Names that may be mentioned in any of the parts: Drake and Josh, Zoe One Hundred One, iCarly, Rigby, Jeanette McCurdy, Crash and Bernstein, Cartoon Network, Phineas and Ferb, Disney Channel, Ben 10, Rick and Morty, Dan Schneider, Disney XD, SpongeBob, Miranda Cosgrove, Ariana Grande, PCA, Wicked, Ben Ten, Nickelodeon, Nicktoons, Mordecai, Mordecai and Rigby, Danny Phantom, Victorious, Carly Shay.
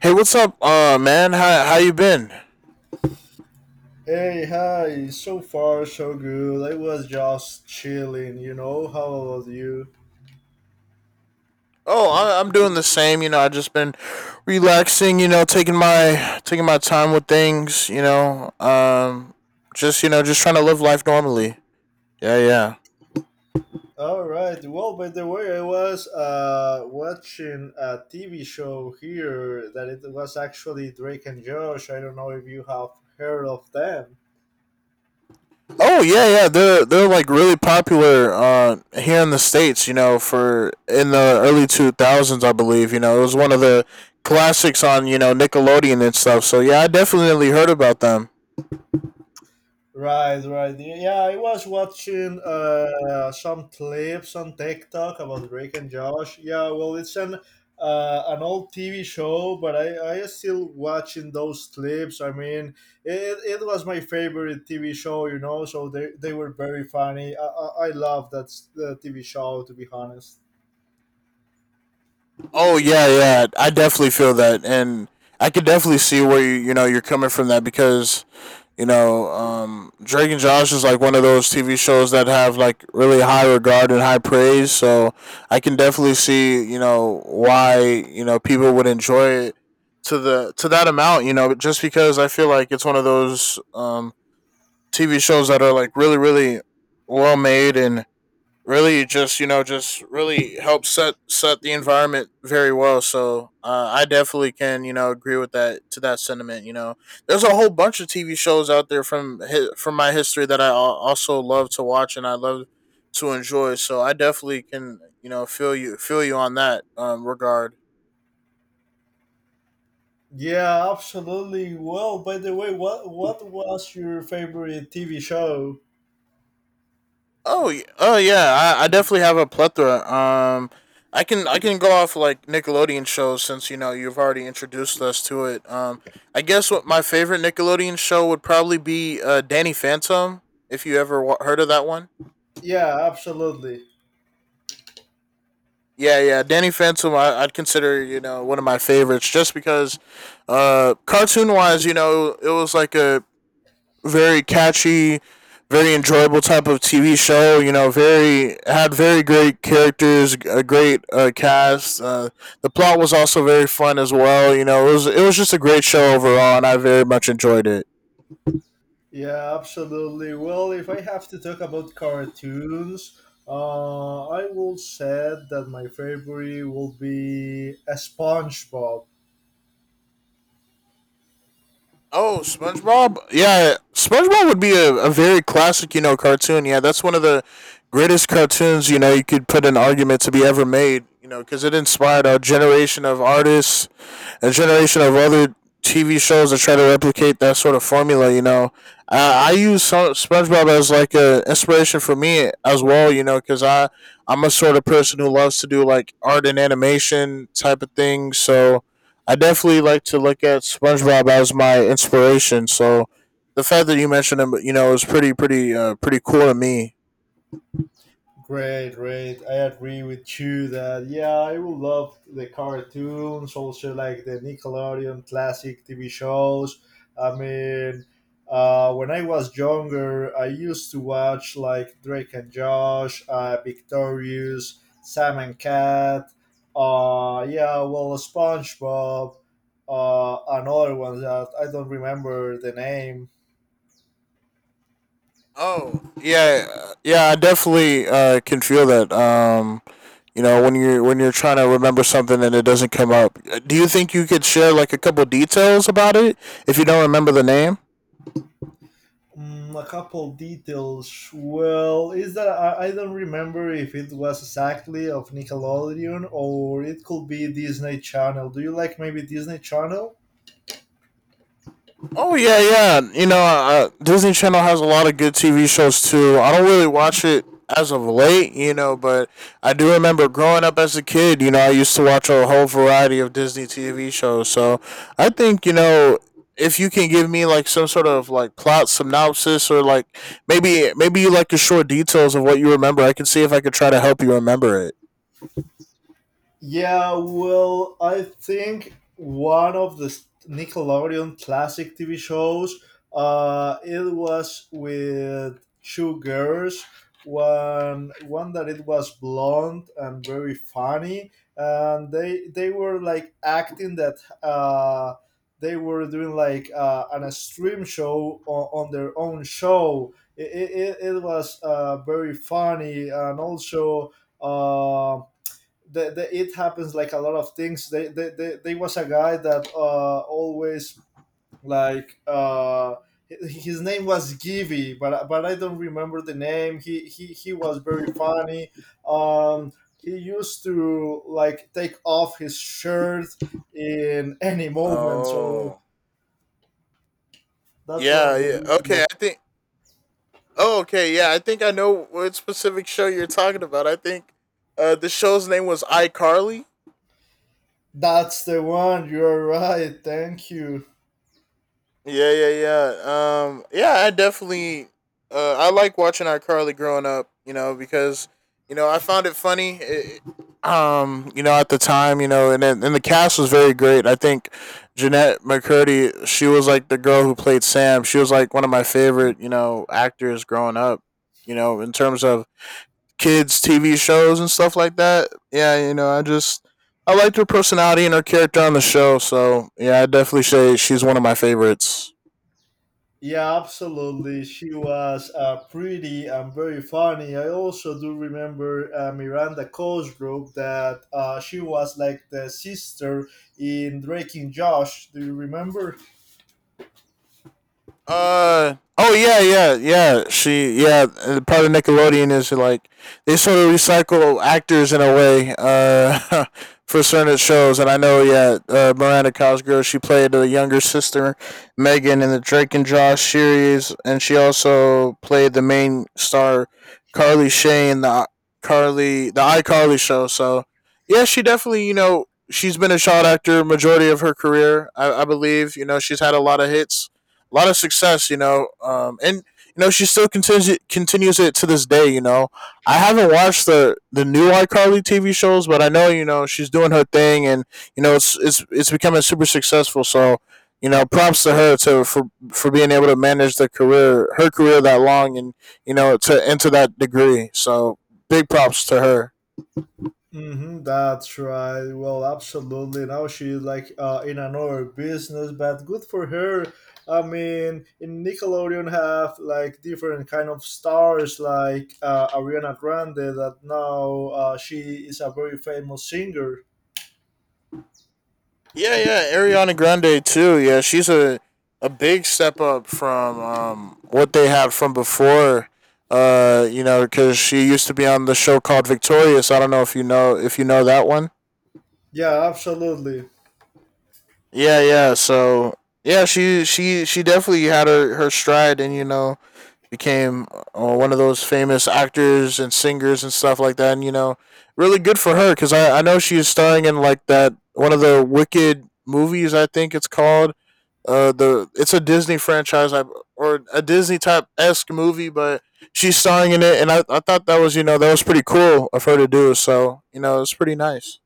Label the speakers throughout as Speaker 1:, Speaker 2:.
Speaker 1: Hey, what's up, man? How you been?
Speaker 2: Hey, hi. So far, so good. I was just chilling, you know. How about you?
Speaker 1: Oh, I'm doing the same. You know, I just been relaxing. You know, taking my time with things. Just just trying to live life normally. Yeah, yeah.
Speaker 2: All right. Well, by the way, I was watching a TV show here that it was actually Drake and Josh. I don't know if you have heard of them.
Speaker 1: Oh, yeah, yeah. They're like really popular here in the states. You know, for in the early two thousands, I believe. You know, it was one of the classics on Nickelodeon and stuff. So yeah, I definitely heard about them.
Speaker 2: Right, right. Yeah, I was watching some clips on TikTok about Drake and Josh. Yeah, well, it's an old TV show, but I still watching those clips. I mean, it was my favorite TV show, you know. So they were very funny. I love that the TV show, to be honest.
Speaker 1: Oh yeah, yeah. I definitely feel that, and I could definitely see where you're coming from that because Drake and Josh is like one of those TV shows that have like really high regard and high praise. So I can definitely see why people would enjoy it to that amount. You know, just because I feel like it's one of those TV shows that are like really well made and really just just really helps set the environment very well. So I definitely can agree with that, to that sentiment. There's a whole bunch of TV shows out there from my history that also love to watch and I love to enjoy. So I definitely can feel you on that regard.
Speaker 2: Yeah, absolutely. Well, by the way, what was your favorite TV show?
Speaker 1: Oh yeah, I definitely have a plethora. I can go off like Nickelodeon shows since you've already introduced us to it. I guess what my favorite Nickelodeon show would probably be Danny Phantom. If you ever wa heard of that one,
Speaker 2: Yeah, absolutely.
Speaker 1: yeah, yeah, Danny Phantom, I'd consider one of my favorites just because, cartoon wise, you know, it was like a very catchy, very enjoyable type of TV show. You know, very great characters, a great cast. The plot was also very fun as well. You know, it was just a great show overall, and I very much enjoyed it.
Speaker 2: Yeah, absolutely. Well, if I have to talk about cartoons, I will say that my favorite will be a SpongeBob.
Speaker 1: Oh, SpongeBob. Yeah, SpongeBob would be a very classic, you know, cartoon. Yeah, that's one of the greatest cartoons, you know, you could put an argument to be ever made, you know, because it inspired a generation of artists, a generation of other TV shows that try to replicate that sort of formula. You know, SpongeBob as like a inspiration for me as well. You know, because I'm a sort of person who loves to do like art and animation type of thing. So I definitely like to look at SpongeBob as my inspiration. So the fact that you mentioned him, you know, is pretty cool to me.
Speaker 2: Great, great. I agree with you that yeah, I would love the cartoons, also like the Nickelodeon classic TV shows. I mean, when I was younger, I used to watch like Drake and Josh, Victorious, Sam and Cat. Yeah, well, SpongeBob, and other ones that I don't remember the name.
Speaker 1: Oh, yeah, yeah, I definitely can feel that. When you're trying to remember something and it doesn't come up, do you think you could share like a couple details about it if you don't remember the name?
Speaker 2: A couple details. Well, is that I don't remember if it was exactly of Nickelodeon or it could be Disney Channel. Do you like maybe Disney Channel?
Speaker 1: Oh yeah, yeah. You know, Disney Channel has a lot of good TV shows too. I don't really watch it as of late, you know, but I do remember growing up as a kid. You know, I used to watch a whole variety of Disney TV shows. So I think you know. If you can give me like some sort of like plot synopsis or like maybe like a short details of what you remember, I can see if I could try to help you remember it.
Speaker 2: Yeah, well, I think one of the Nickelodeon classic TV shows. It was with two girls. One that it was blonde and very funny, and they were like acting that they were doing like an extreme show on their own show. It was very funny and also. Um, the it happens like a lot of things. They was a guy that always like his name was Givy, but I don't remember the name. He was very funny. Um, he used to like take off his shirt in any moment. So
Speaker 1: Oh,
Speaker 2: that's one
Speaker 1: yeah,
Speaker 2: of the
Speaker 1: yeah. Okay,
Speaker 2: details.
Speaker 1: I think oh, okay, yeah, I think I know what specific show you're talking about. I think the show's name was iCarly.
Speaker 2: That's the one. You're right. Thank you.
Speaker 1: Yeah, yeah, yeah. Yeah, I definitely, I like watching iCarly growing up. You know, because I found it funny. It, you know, at the time, you know, and the cast was very great. I think Jeanette McCurdy, she was like the girl who played Sam. She was like one of my favorite, you know, actors growing up. You know, in terms of kids TV shows and stuff like that. Yeah, you know, I just I liked her personality and her character on the show, so yeah, I definitely say she's one of my favorites.
Speaker 2: Yeah, absolutely. She was pretty and very funny. I also do remember Miranda Cosgrove that she was like the sister in Drake and Josh. Do you remember?
Speaker 1: Oh yeah yeah yeah she yeah, part of Nickelodeon is like they sort of recycle actors in a way for certain shows. And I know, yeah, Miranda Cosgrove, she played the younger sister Megan in the Drake and Josh series, and she also played the main star Carly Shay in the Carly the iCarly show. So yeah, she definitely, you know, she's been a child actor majority of her career. I believe, you know, she's had a lot of hits, a lot of success, you know. And you know she still continues it to this day. You know, I haven't watched the new iCarly TV shows, but I know you know she's doing her thing, and you know it's becoming super successful. So you know, props to her to for being able to manage the career her career that long, and you know to into that degree. So big props to her.
Speaker 2: Mm-hmm, that's right. Well, absolutely. Now she's like in another business, but good for her. I mean, in Nickelodeon have like different kind of stars, like Ariana Grande, that now she is a very famous singer.
Speaker 1: Yeah, yeah, Ariana Grande too. Yeah, she's a big step up from what they had from before. You know, because she used to be on the show called Victorious. I don't know if you know that one.
Speaker 2: Yeah, absolutely.
Speaker 1: Yeah, yeah. So yeah, she definitely had her stride, and you know became one of those famous actors and singers and stuff like that. And you know, really good for her because I know she's starring in like that one of the Wicked movies. I think it's called uh, the it's a Disney franchise or a Disney type esque movie, but she's starring in it, and I thought that was you know that was pretty cool of her to do. So you know it's pretty nice.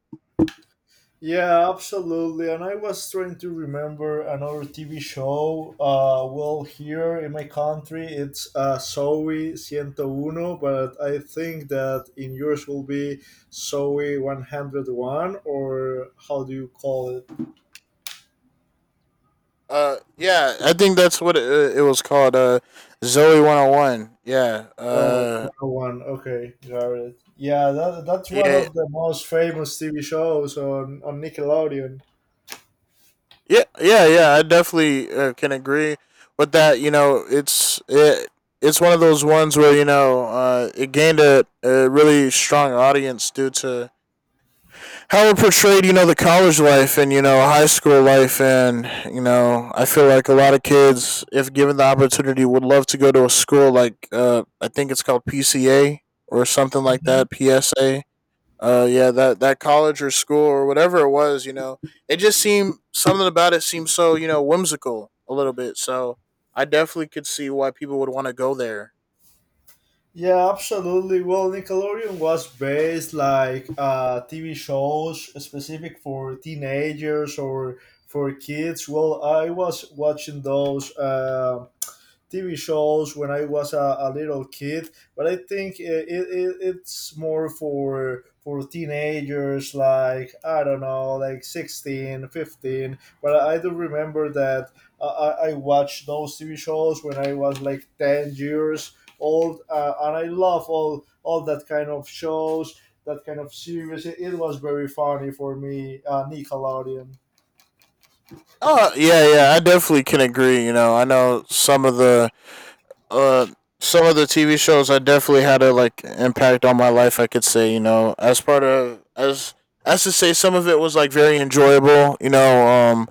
Speaker 2: Yeah, absolutely. And I was trying to remember another TV show. Well, here in my country, it's Zoe 101, but I think that in yours will be Zoe 101, or how do you call it?
Speaker 1: Yeah, I think that's what it was called. Zoe 101. Yeah.
Speaker 2: Oh, 101. Okay, got it. Yeah, that's one
Speaker 1: Yeah,
Speaker 2: of the most famous TV shows on Nickelodeon.
Speaker 1: Yeah, yeah, yeah. I definitely can agree with that. You know, it's one of those ones where you know it gained a really strong audience due to how it portrayed, you know, the college life and you know high school life, and you know, I feel like a lot of kids, if given the opportunity, would love to go to a school like I think it's called PCA or something like that, PSA, yeah, that college or school or whatever it was, you know, it just seemed something about it seemed so you know whimsical a little bit. So I definitely could see why people would want to go there.
Speaker 2: Yeah, absolutely. Well, Nickelodeon was based like TV shows specific for teenagers or for kids. Well, I was watching those TV shows when I was a little kid, but I think it's more for teenagers like I don't know like 16, 15. But I do remember that I watched those TV shows when I was like 10 years old, and I love all that kind of shows that kind of series. It was very funny for me. Nickelodeon.
Speaker 1: Oh yeah, yeah, I definitely can agree. You know, I know uh, some of the TV shows I definitely had a like impact on my life, I could say, you know, as part of as to say. Some of it was like very enjoyable. You know,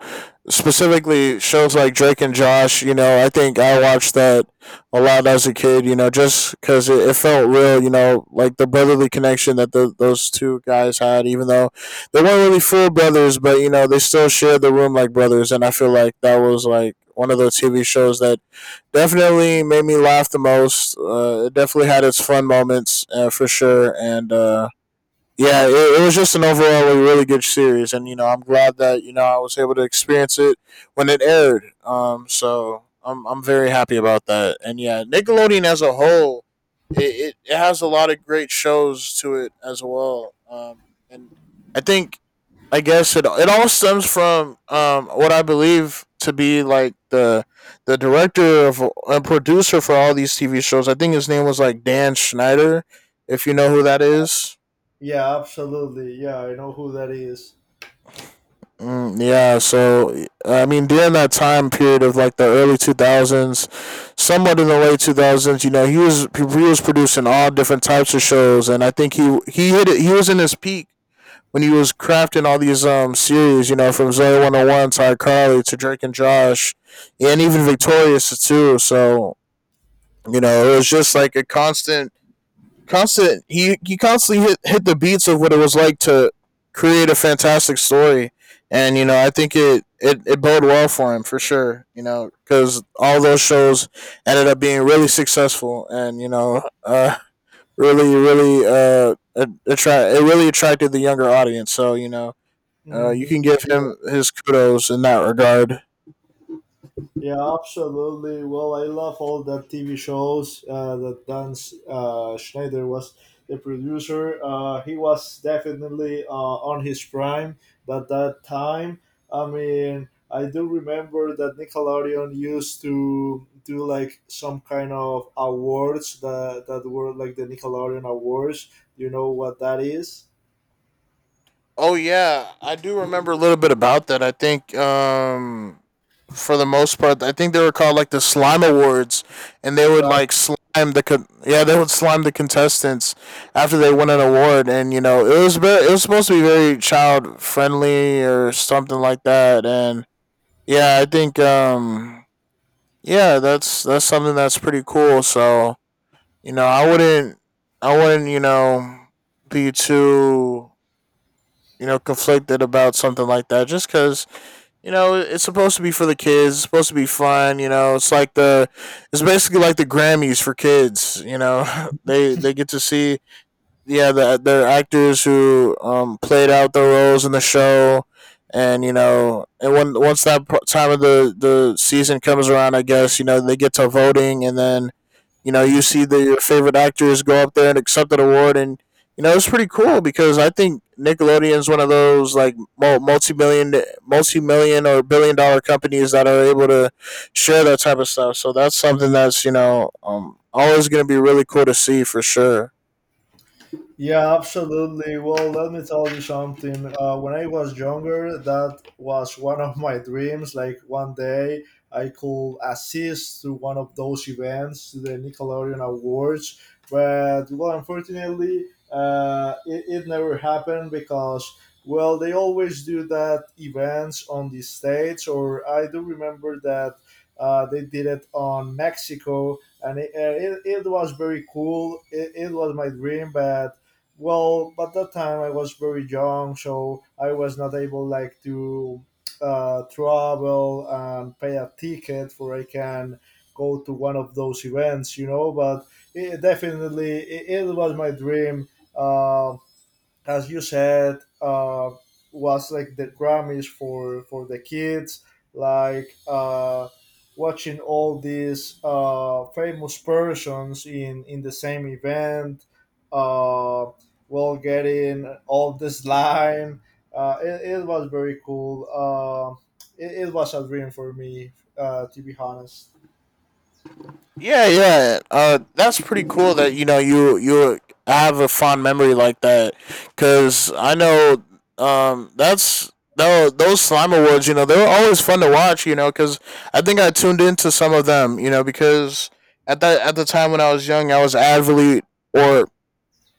Speaker 1: specifically shows like Drake and Josh. You know, I think I watched that a lot as a kid. You know, just because it felt real. You know, like the brotherly connection that those two guys had, even though they weren't really full brothers, but you know, they still shared the room like brothers. And I feel like that was like one of those TV shows that definitely made me laugh the most. It definitely had its fun moments for sure, and yeah, it was just an overall a really good series, and you know I'm glad that you know I was able to experience it when it aired. So I'm very happy about that, and yeah, Nickelodeon as a whole, it has a lot of great shows to it as well. And I think I guess it all stems from what I believe to be like the director of and producer for all these TV shows. I think his name was like Dan Schneider, if you know who that is.
Speaker 2: Yeah, absolutely. Yeah, I know who that is.
Speaker 1: Mm, yeah, so I mean, during that time period of like the early two thousands, somewhat in the late two thousands, you know, he was producing all different types of shows, and I think he hit it. He was in his peak when he was crafting all these series, you know, from Zoe 101 to iCarly to Drake and Josh, and even Victorious too. So you know, it was just like a constant constant he constantly hit the beats of what it was like to create a fantastic story. And you know I think it bode well for him for sure, you know, because all those shows ended up being really successful. And you know, really really attract it really attracted the younger audience, so you know, you can
Speaker 2: Mm-hmm.
Speaker 1: give him his kudos in that regard.
Speaker 2: Yeah, absolutely. Well, I love all the TV shows that Dan Schneider was the producer. He was definitely on his prime at that time. I mean, I do remember that Nickelodeon used to do like some kind of awards that were like the Nickelodeon Awards. You know what that is?
Speaker 1: Oh yeah, I do remember a little bit about that. I think for the most part, I think they were called like the slime awards, and they would like slime yeah, they would slime the contestants after they won an award. And you know, it was supposed to be very child friendly or something like that. And yeah, I think yeah, that's something that's pretty cool. So, you know, I wouldn't, you know, be too you know, conflicted about something like that, just because, you know, it's supposed to be for the kids. It's supposed to be fun. You know, it's basically like the Grammys for kids. You know, they get to see, yeah, the actors who played out their roles in the show. And, you know, and once that time of the season comes around, I guess, you know, they get to voting. And then you know, you
Speaker 2: Mm-hmm.
Speaker 1: see your favorite actors go up there and accept an award. And you know, it's pretty cool because I think Nickelodeon's one of those like multi million or billion dollar companies that are able to share that type of stuff. So that's something that's, you know, always going to be really cool to see for sure.
Speaker 2: Yeah, absolutely. Well, let me tell you something. When I was younger, that was one of my dreams. Like one day, I could assist to one of those events, to the Nickelodeon Awards. But well, unfortunately, it, it never happened because well, they always do that events on the states, or I do remember that they did it on Mexico, and it was very cool. It was my dream, but well at that time I was very young so I was not able like to travel and pay a ticket for I can go to one of those events, but it, definitely it, it was my dream, uh, as you said, was like the Grammys for the kids, like watching all these famous persons in the same event, uh, well, getting all this line. It was very cool. It was a dream for me, to be honest.
Speaker 1: Yeah, yeah. That's pretty cool that you know you have a fond memory like that. Cause I know that's no those slime awards. You know they were always fun to watch. You know, cause I think I tuned into some of them. You know, because at the time when I was young, I was avidly or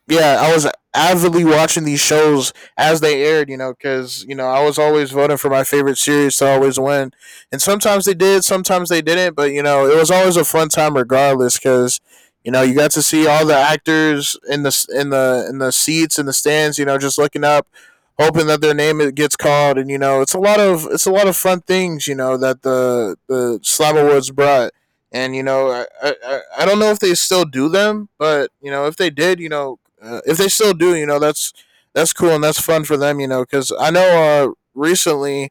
Speaker 1: yeah, I was avidly watching these shows as they aired, you know, because, you know, I was always voting for my favorite series to always win. And sometimes they did, sometimes they didn't, but, you know, it was always a fun time regardless because. You know, you got to see all the actors in the in the seats in the stands. You know, just looking up, hoping that their name it gets called. And you know, it's a lot of fun things. You know that the Slam Awards brought, and you know, I don't know if they still do them, but you know, if they did, you know, if they still do, you know, that's cool and that's fun for them, you know, because I know recently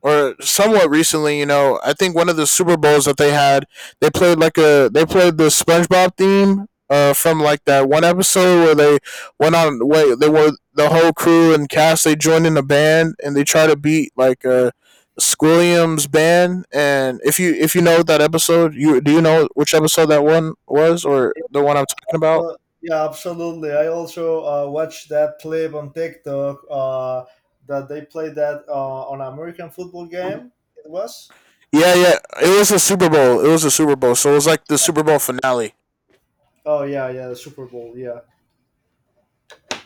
Speaker 1: or somewhat recently, you know, I think one of the Super Bowls that they had, they played like a they played the SpongeBob theme from like that one episode where they went on wait they were the whole crew and cast, they joined in a band, and they try to beat like a Squilliam's band. And if you know that episode, you do you know which episode that one was, or the one I'm talking about?
Speaker 2: So yeah, absolutely. I also watched that clip on TikTok that they played that on an American football game. It was.
Speaker 1: Yeah, yeah. It was a Super Bowl. It was a Super Bowl. So it was like the Super Bowl finale.
Speaker 2: Oh yeah, yeah, the Super Bowl. Yeah.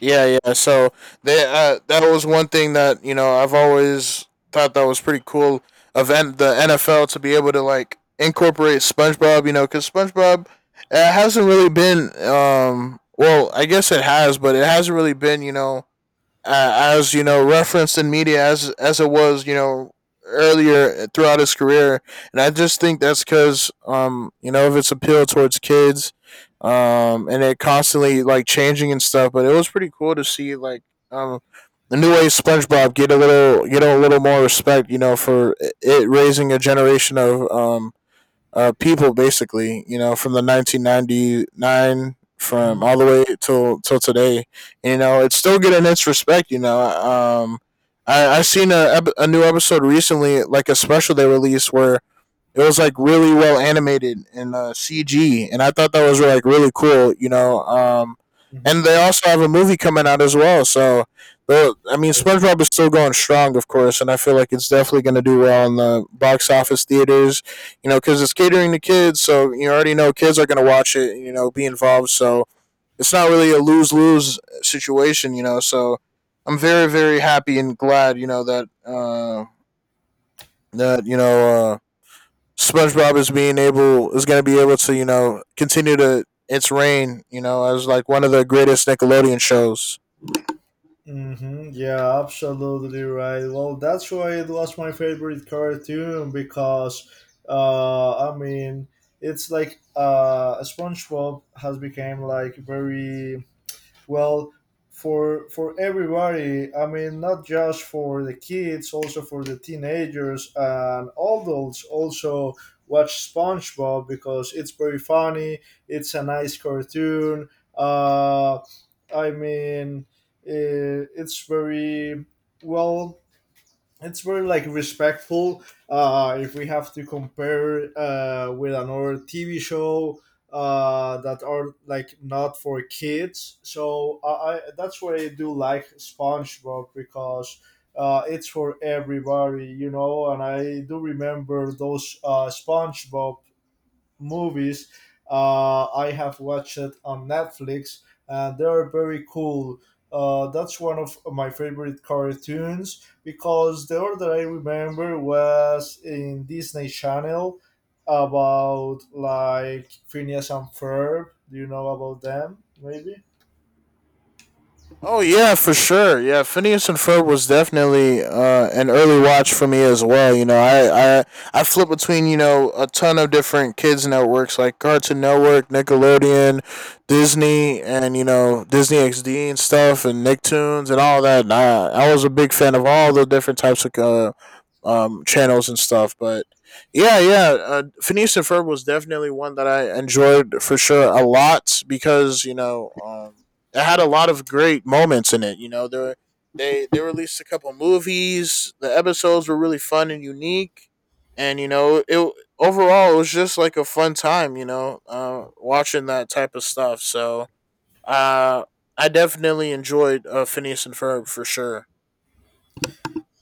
Speaker 1: Yeah, yeah. So they that was one thing that you know I've always thought that was pretty cool of the NFL to be able to like incorporate SpongeBob. You know, because SpongeBob it hasn't really been. Well, I guess it has, but it hasn't really been. You know, as you know referenced in media as it was, you know, earlier throughout his career. And I just think that's because you know of its appeal towards kids, and it constantly like changing and stuff. But it was pretty cool to see like um the new way SpongeBob get a little, you know, a little more respect, you know, for it raising a generation of people basically, you know, from the 1999 from
Speaker 2: Mm-hmm.
Speaker 1: all the way till today. You know, it's still getting its respect. You know, I seen a new episode recently, like a special they released where it was like really well animated in CG, and I thought that was like really cool, you know. And
Speaker 2: Mm-hmm.
Speaker 1: they also have a movie coming out as well. So the I mean, SpongeBob is still going strong, of course, and I feel like it's definitely going to do well in the box office theaters, you know, because it's catering to kids, so you already know kids are going to watch it, you know, be involved. So it's not really a lose lose situation, you know. So I'm very very happy and glad, you know, that that you know. Uh, SpongeBob is going to be able to you know continue to its reign, you know, as like one of the greatest Nickelodeon shows.
Speaker 2: Mm-hmm. Yeah, absolutely right. Well, that's why it was my favorite cartoon because, I mean, it's like SpongeBob has become like very. Well, for everybody. I mean, not just for the kids, also for the teenagers and adults. Also, watch SpongeBob because it's very funny. It's a nice cartoon. Uh, I mean, eh, it's very well it's very like respectful, if we have to compare with another TV show that are like not for kids. So I that's why I do like SpongeBob because it's for everybody, and I do remember those SpongeBob movies I have watched on Netflix, and they're very cool. That's one of my favorite cartoons because the one that I remember was in Disney Channel about like Phineas and Ferb. Do you know about them? Maybe.
Speaker 1: Oh yeah, for sure. Yeah, Phineas and Ferb was definitely an early watch for me as well. You know, I flip between you know a ton of different kids networks like Cartoon Network, Nickelodeon, Disney, and you know Disney XD and stuff, and Nicktoons and all that. And I was a big fan of all the different types of channels and stuff. But yeah, yeah, Phineas and Ferb was definitely one that I enjoyed for sure a lot, because you know. It had a lot of great moments in it. You know, there they released a couple movies. The episodes were really fun and unique, and you know, it overall it was just like a fun time. You know, watching that type of stuff. So, uh, I definitely enjoyed Phineas and Ferb for sure.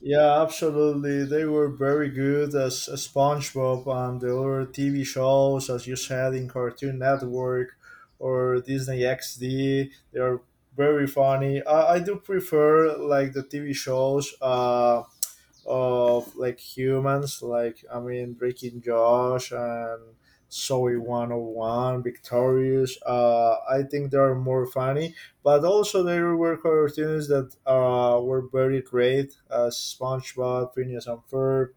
Speaker 2: Yeah, absolutely. They were very good as SpongeBob and the other TV shows, as you said, in Cartoon Network or Disney XD. They are very funny. I do prefer like the TV shows. Of like humans, like I mean Drake and Josh and Zoe 101, Victorious. I think they are more funny, but also there were cartoons that were very great, as SpongeBob, Phineas and Ferb.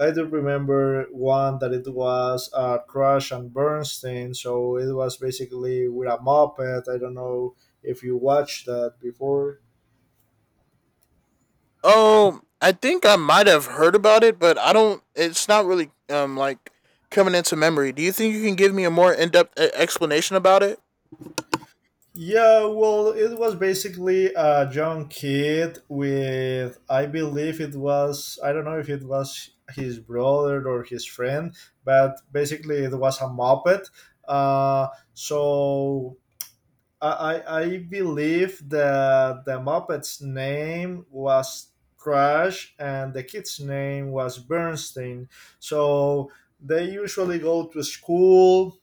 Speaker 2: I do remember one that it was Crash and Bernstein, so it was basically with a moped. I don't know if you watched that before.
Speaker 1: Oh, I think I might have heard about it, but I don't. It's not really like coming into memory. Do you think you can give me a more in depth explanation about it?
Speaker 2: Yeah, well, it was basically a young kid with, I believe it was, I don't know if it was his brother or his friend, but basically it was a Muppet. So I, I believe that the Muppet's name was Crash and the kid's name was Bernstein. So they usually go to school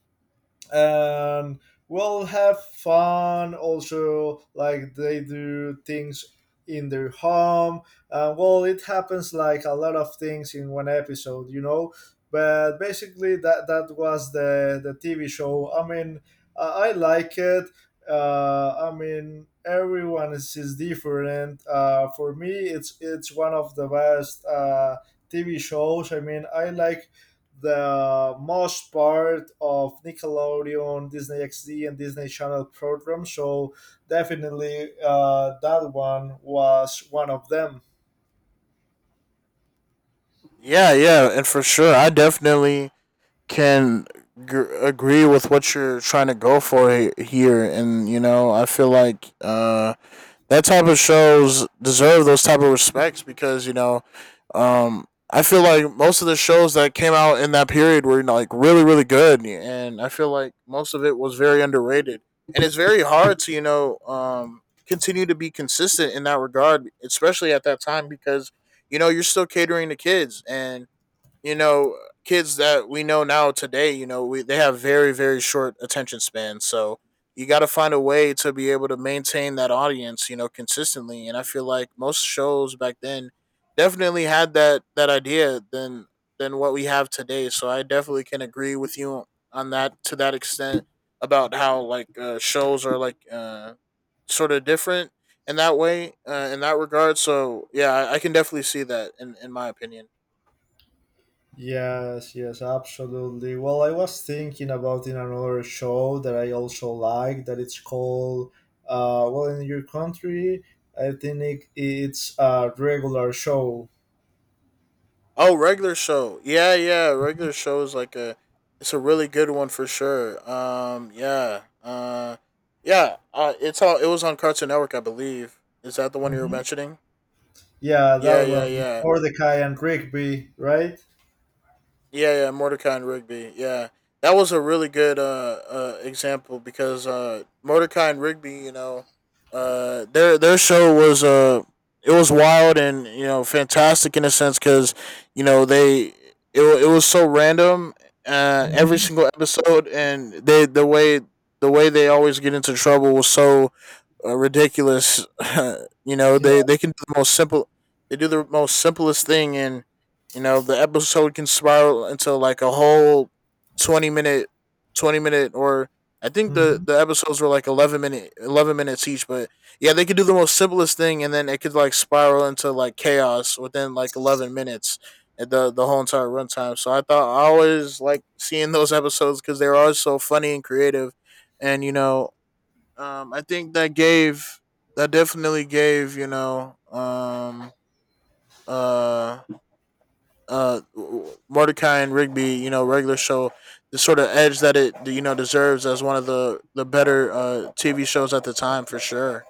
Speaker 2: and we'll have fun, also like they do things in their home, well it happens like a lot of things in one episode, but basically that was the TV show. I mean, I like it. I mean everyone is different. For me it's one of the best TV shows. I mean I like the most part of Nickelodeon, Disney XD, and Disney Channel program. So definitely, that one was one of them.
Speaker 1: Yeah, yeah, and for sure, I definitely can agree with what you're trying to go for here. And you know I feel like that type of shows deserve those type of respects, because you know um I feel like most of the shows that came out in that period were, you know, like really really good, and I feel like most of it was very underrated. And it's very hard to, you know, continue to be consistent in that regard, especially at that time, because you know you're still catering to kids. And you know kids that we know now today, you know we they have very very short attention spans. So you got to find a way to be able to maintain that audience, you know, consistently. And I feel like most shows back then definitely had that that idea than what we have today. So I definitely can agree with you on that, to that extent, about how like shows are like sort of different in that way in that regard. So yeah, I can definitely see that in my opinion.
Speaker 2: Yes, yes, absolutely. Well, I was thinking about in another show that I also like that it's called well in your country. I think it's a regular show.
Speaker 1: Oh, regular show. Yeah, yeah. Regular show is like a it's a really good one for sure. Yeah. Yeah, it's all it was on Cartoon Network, I believe. Is that the one you were
Speaker 2: Mhm.
Speaker 1: mentioning?
Speaker 2: Yeah,
Speaker 1: Yeah,
Speaker 2: that
Speaker 1: yeah,
Speaker 2: one,
Speaker 1: yeah.
Speaker 2: Mordecai and Rigby, right?
Speaker 1: Yeah, yeah, Mordecai and Rigby. Yeah, that was a really good example, because Mordecai and Rigby, you know, their show was it was wild and you know fantastic in a sense, because you know they it was so random every
Speaker 2: Mhm.
Speaker 1: single episode. And the way they always get into trouble was so ridiculous. You know
Speaker 2: Yeah.
Speaker 1: they can do the most simple the most simplest thing, and you know, the episode can spiral into like a whole 20 minute, twenty minute, or I think
Speaker 2: Mhm.
Speaker 1: the episodes were like 11 minutes each. But yeah, they could do the most simplest thing, and then it could like spiral into like chaos within like 11 minutes at the whole entire runtime. So I thought I always like seeing those episodes, because they were always so funny and creative. And you know, I think that gave that definitely gave you know uh uh, Mordecai and Rigby, you know, regular show, the sort of edge that it, you know, deserves as one of the better TV shows at the time for sure.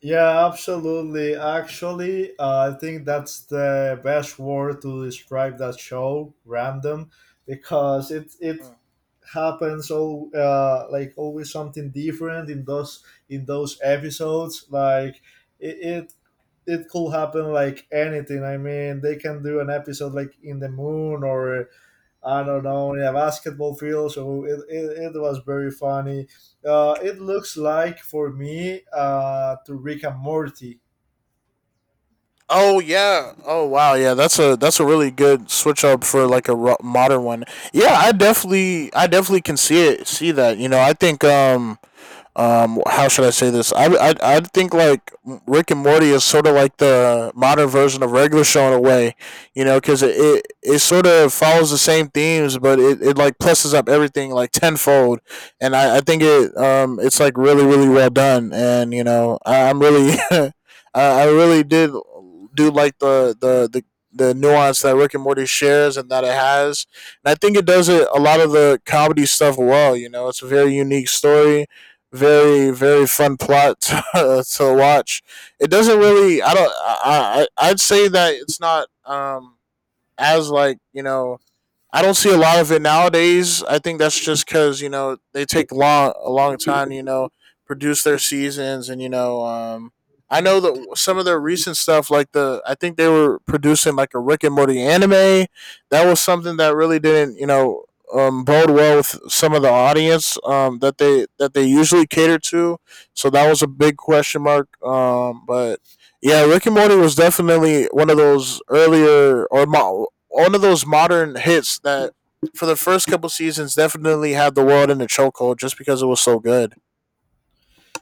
Speaker 2: Yeah, absolutely. Actually, I think that's the best word to describe that show, random, because it
Speaker 1: Mm.
Speaker 2: happens all, like always something different in those episodes. Like it, it it could happen like anything. I mean, they can do an episode like in the moon or I don't know, yeah, basketball field. So it was very funny. It looks like for me to Rick and Morty.
Speaker 1: Oh yeah. Oh wow. Yeah, that's a really good switch up for like a modern one. Yeah, I definitely can see that. You know, I think how should I say this I think like Rick and Morty is sort of like the modern version of regular show in a way, you know, because it sort of follows the same themes, but it like pluses up everything like tenfold. And I think it's like really really well done. And you know I, I'm really I really did do like the nuance that Rick and Morty shares and that it has, and I think it does it a lot of the comedy stuff well. You know, it's a very unique story, very very fun plot to, to watch. It doesn't really. I don't. I I'd say that it's not as like, you know, I don't see a lot of it nowadays. I think that's just because you know they take long a long time, you know, produce their seasons. And you know, I know
Speaker 2: Mhm.
Speaker 1: that some of their recent stuff, like the I think they were producing like a Rick and Morty anime. That was something that really didn't, you know, bode well with some of the audience, that they usually cater to. So that was a big question mark. But yeah, Rick and Morty was definitely one of those earlier or one of those modern hits that for the first couple seasons definitely had the world in a chokehold just because it was so good.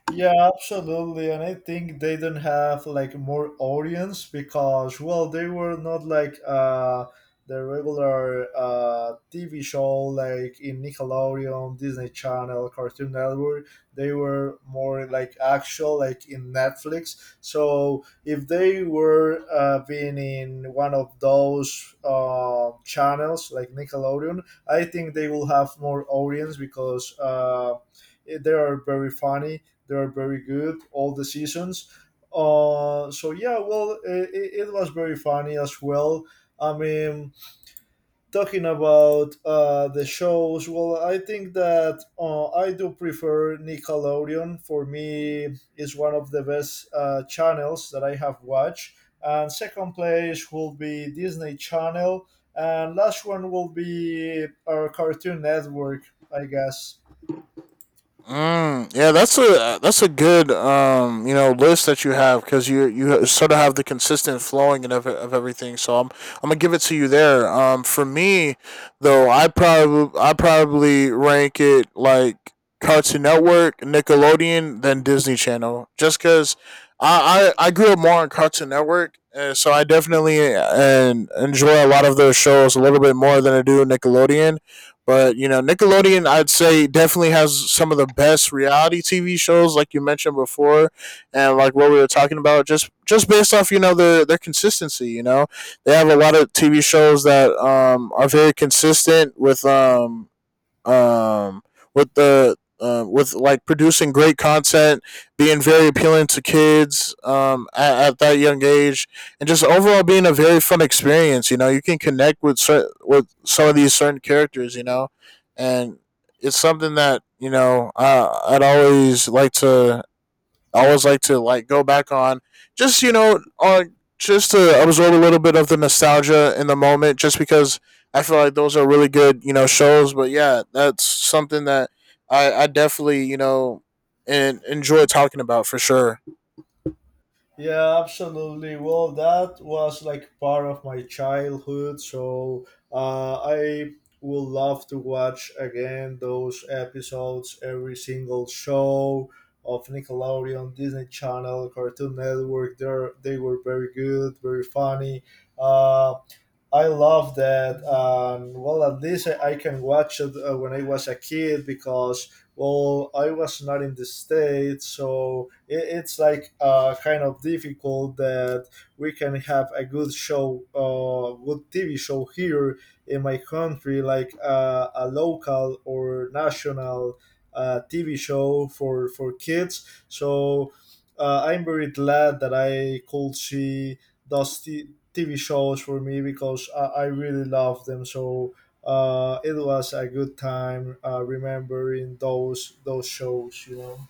Speaker 2: Yeah, absolutely. And I think they do not have like more audience because well, they were not like the regular TV show like in Nickelodeon, Disney Channel, Cartoon Network. They were more like actual like in Netflix. So if they were being in one of those channels like Nickelodeon, I think they will have more audience because they are very funny. They are very good all the seasons. So yeah, well, it was very funny as well. I mean, talking about the shows, well, I think that I do prefer Nickelodeon. For me, is one of the best channels that I have watched. And second place will be Disney Channel, and last one will be our Cartoon Network, I guess.
Speaker 1: Mm, yeah, that's a good you know list that you have, because you sort of have the consistent flowing and of everything. So I'm gonna give it to you there. For me though, I probably rank it like Cartoon Network, Nickelodeon, then Disney Channel, just because I grew up more on Cartoon Network, so I definitely and enjoy a lot of those shows a little bit more than I do Nickelodeon. But you know, Nickelodeon, I'd say definitely has some of the best reality TV shows, like you mentioned before, and like what we were talking about, just based off you know their consistency. You know, they have a lot of TV shows that are very consistent um, with like producing great content, being very appealing to kids at that young age, and just overall being a very fun experience. You know, you can connect with with some of these certain characters. You know, and it's something that you know I'd always like to I always like to like go back on, just you know on just to absorb a little bit of the nostalgia in the moment, just because I feel like those are really good, you know, shows. But yeah, that's something that I definitely, and enjoy talking about for sure.
Speaker 2: Yeah, absolutely. Well, that was like part of my childhood, so I would love to watch again those episodes, every single show of Nickelodeon, Disney Channel, Cartoon Network. They were very good, very funny. Um, I love that. Well, at least I can watch it when I was a kid because, well, I was not in the States, so it's like kind of difficult that we can have a good show, good TV show here in my country, like a local or national TV show for kids. So I'm very glad that I could see those TV shows for me because I really love them. So it was a good time remembering those shows. You know.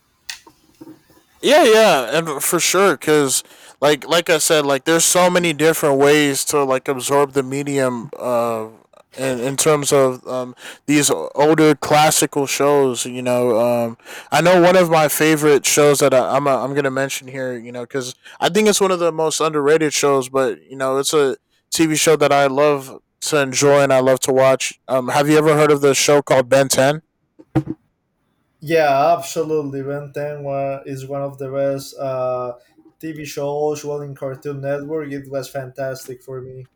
Speaker 1: Yeah, yeah, and for sure, cause like I said, like there's so many different ways to like absorb the medium. In terms of these older classical shows, you know, I know one of my favorite shows that I'm gonna mention here, you know, because I think it's one of the most underrated shows, but you know, it's a TV show that I love to enjoy and I love to watch. Have you ever heard of the show called Ben Ten?
Speaker 2: Yeah, absolutely. Ben 10 is one of the best TV shows. Well, in Cartoon Network, it was fantastic for me.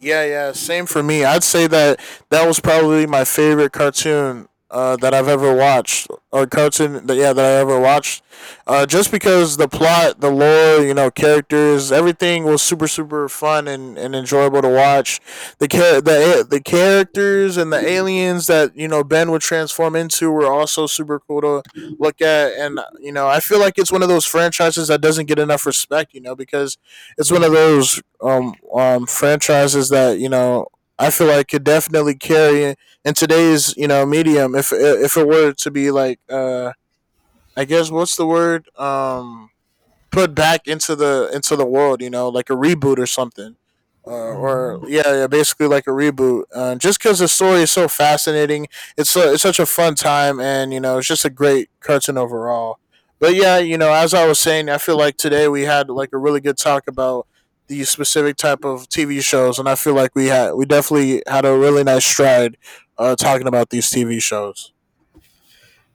Speaker 1: Yeah, yeah, same for me. I'd say that that was probably my favorite cartoon that I've ever watched, or cartoon that yeah that I ever watched, just because the plot, the lore, you know, characters, everything was super super fun and enjoyable to watch. The characters and the aliens that you know Ben would transform into were also super cool to look at. And you know I feel like it's one of those franchises that doesn't get enough respect, you know, because it's one of those franchises that you know I feel like could definitely carry in today's you know medium, if it were to be like I guess what's the word, put back into the world. You know, like a reboot or something. Or
Speaker 2: Hmm.
Speaker 1: yeah, yeah, basically like a reboot. Just because the story is so fascinating, it's it's such a fun time. And you know, it's just a great cartoon overall. But yeah, you know, as I was saying, I feel like today we had like a really good talk about these specific type of TV shows, and I feel like we definitely had a really nice stride talking about these TV shows.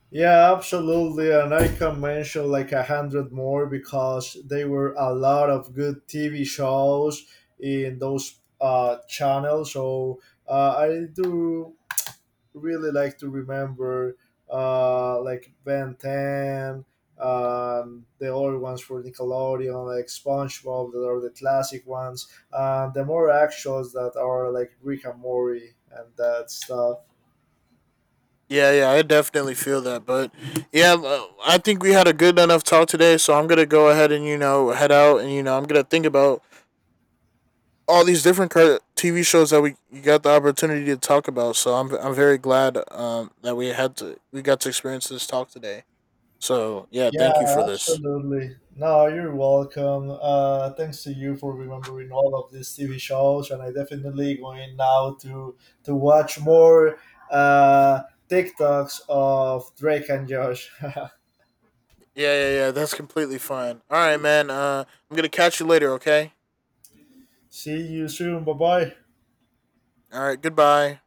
Speaker 2: Yeah, absolutely. And I can mention like 100 more because there were a lot of good TV shows in those channels. So I do really like to remember like Ben 10, the old ones for Nickelodeon, like SpongeBob, that are the classic ones, and the more actuals that are like Rick and Morty and that stuff.
Speaker 1: Yeah, yeah, I definitely feel that. But yeah, I think we had a good enough talk today. So I'm gonna go ahead and you know head out, and you know I'm gonna think about all these different TV shows that we you got the opportunity to talk about. So I'm very glad that we got to experience this talk today. So yeah,
Speaker 2: Yeah,
Speaker 1: thank you for this.
Speaker 2: absolutely. No, you're welcome. Thanks to you for remembering all of these TV shows, and I definitely going now to watch more TikToks of Drake and Josh.
Speaker 1: Yeah, yeah, yeah. That's completely fine. All right, man. I'm gonna catch you later. Okay.
Speaker 2: See you soon. Bye bye.
Speaker 1: All right. Goodbye.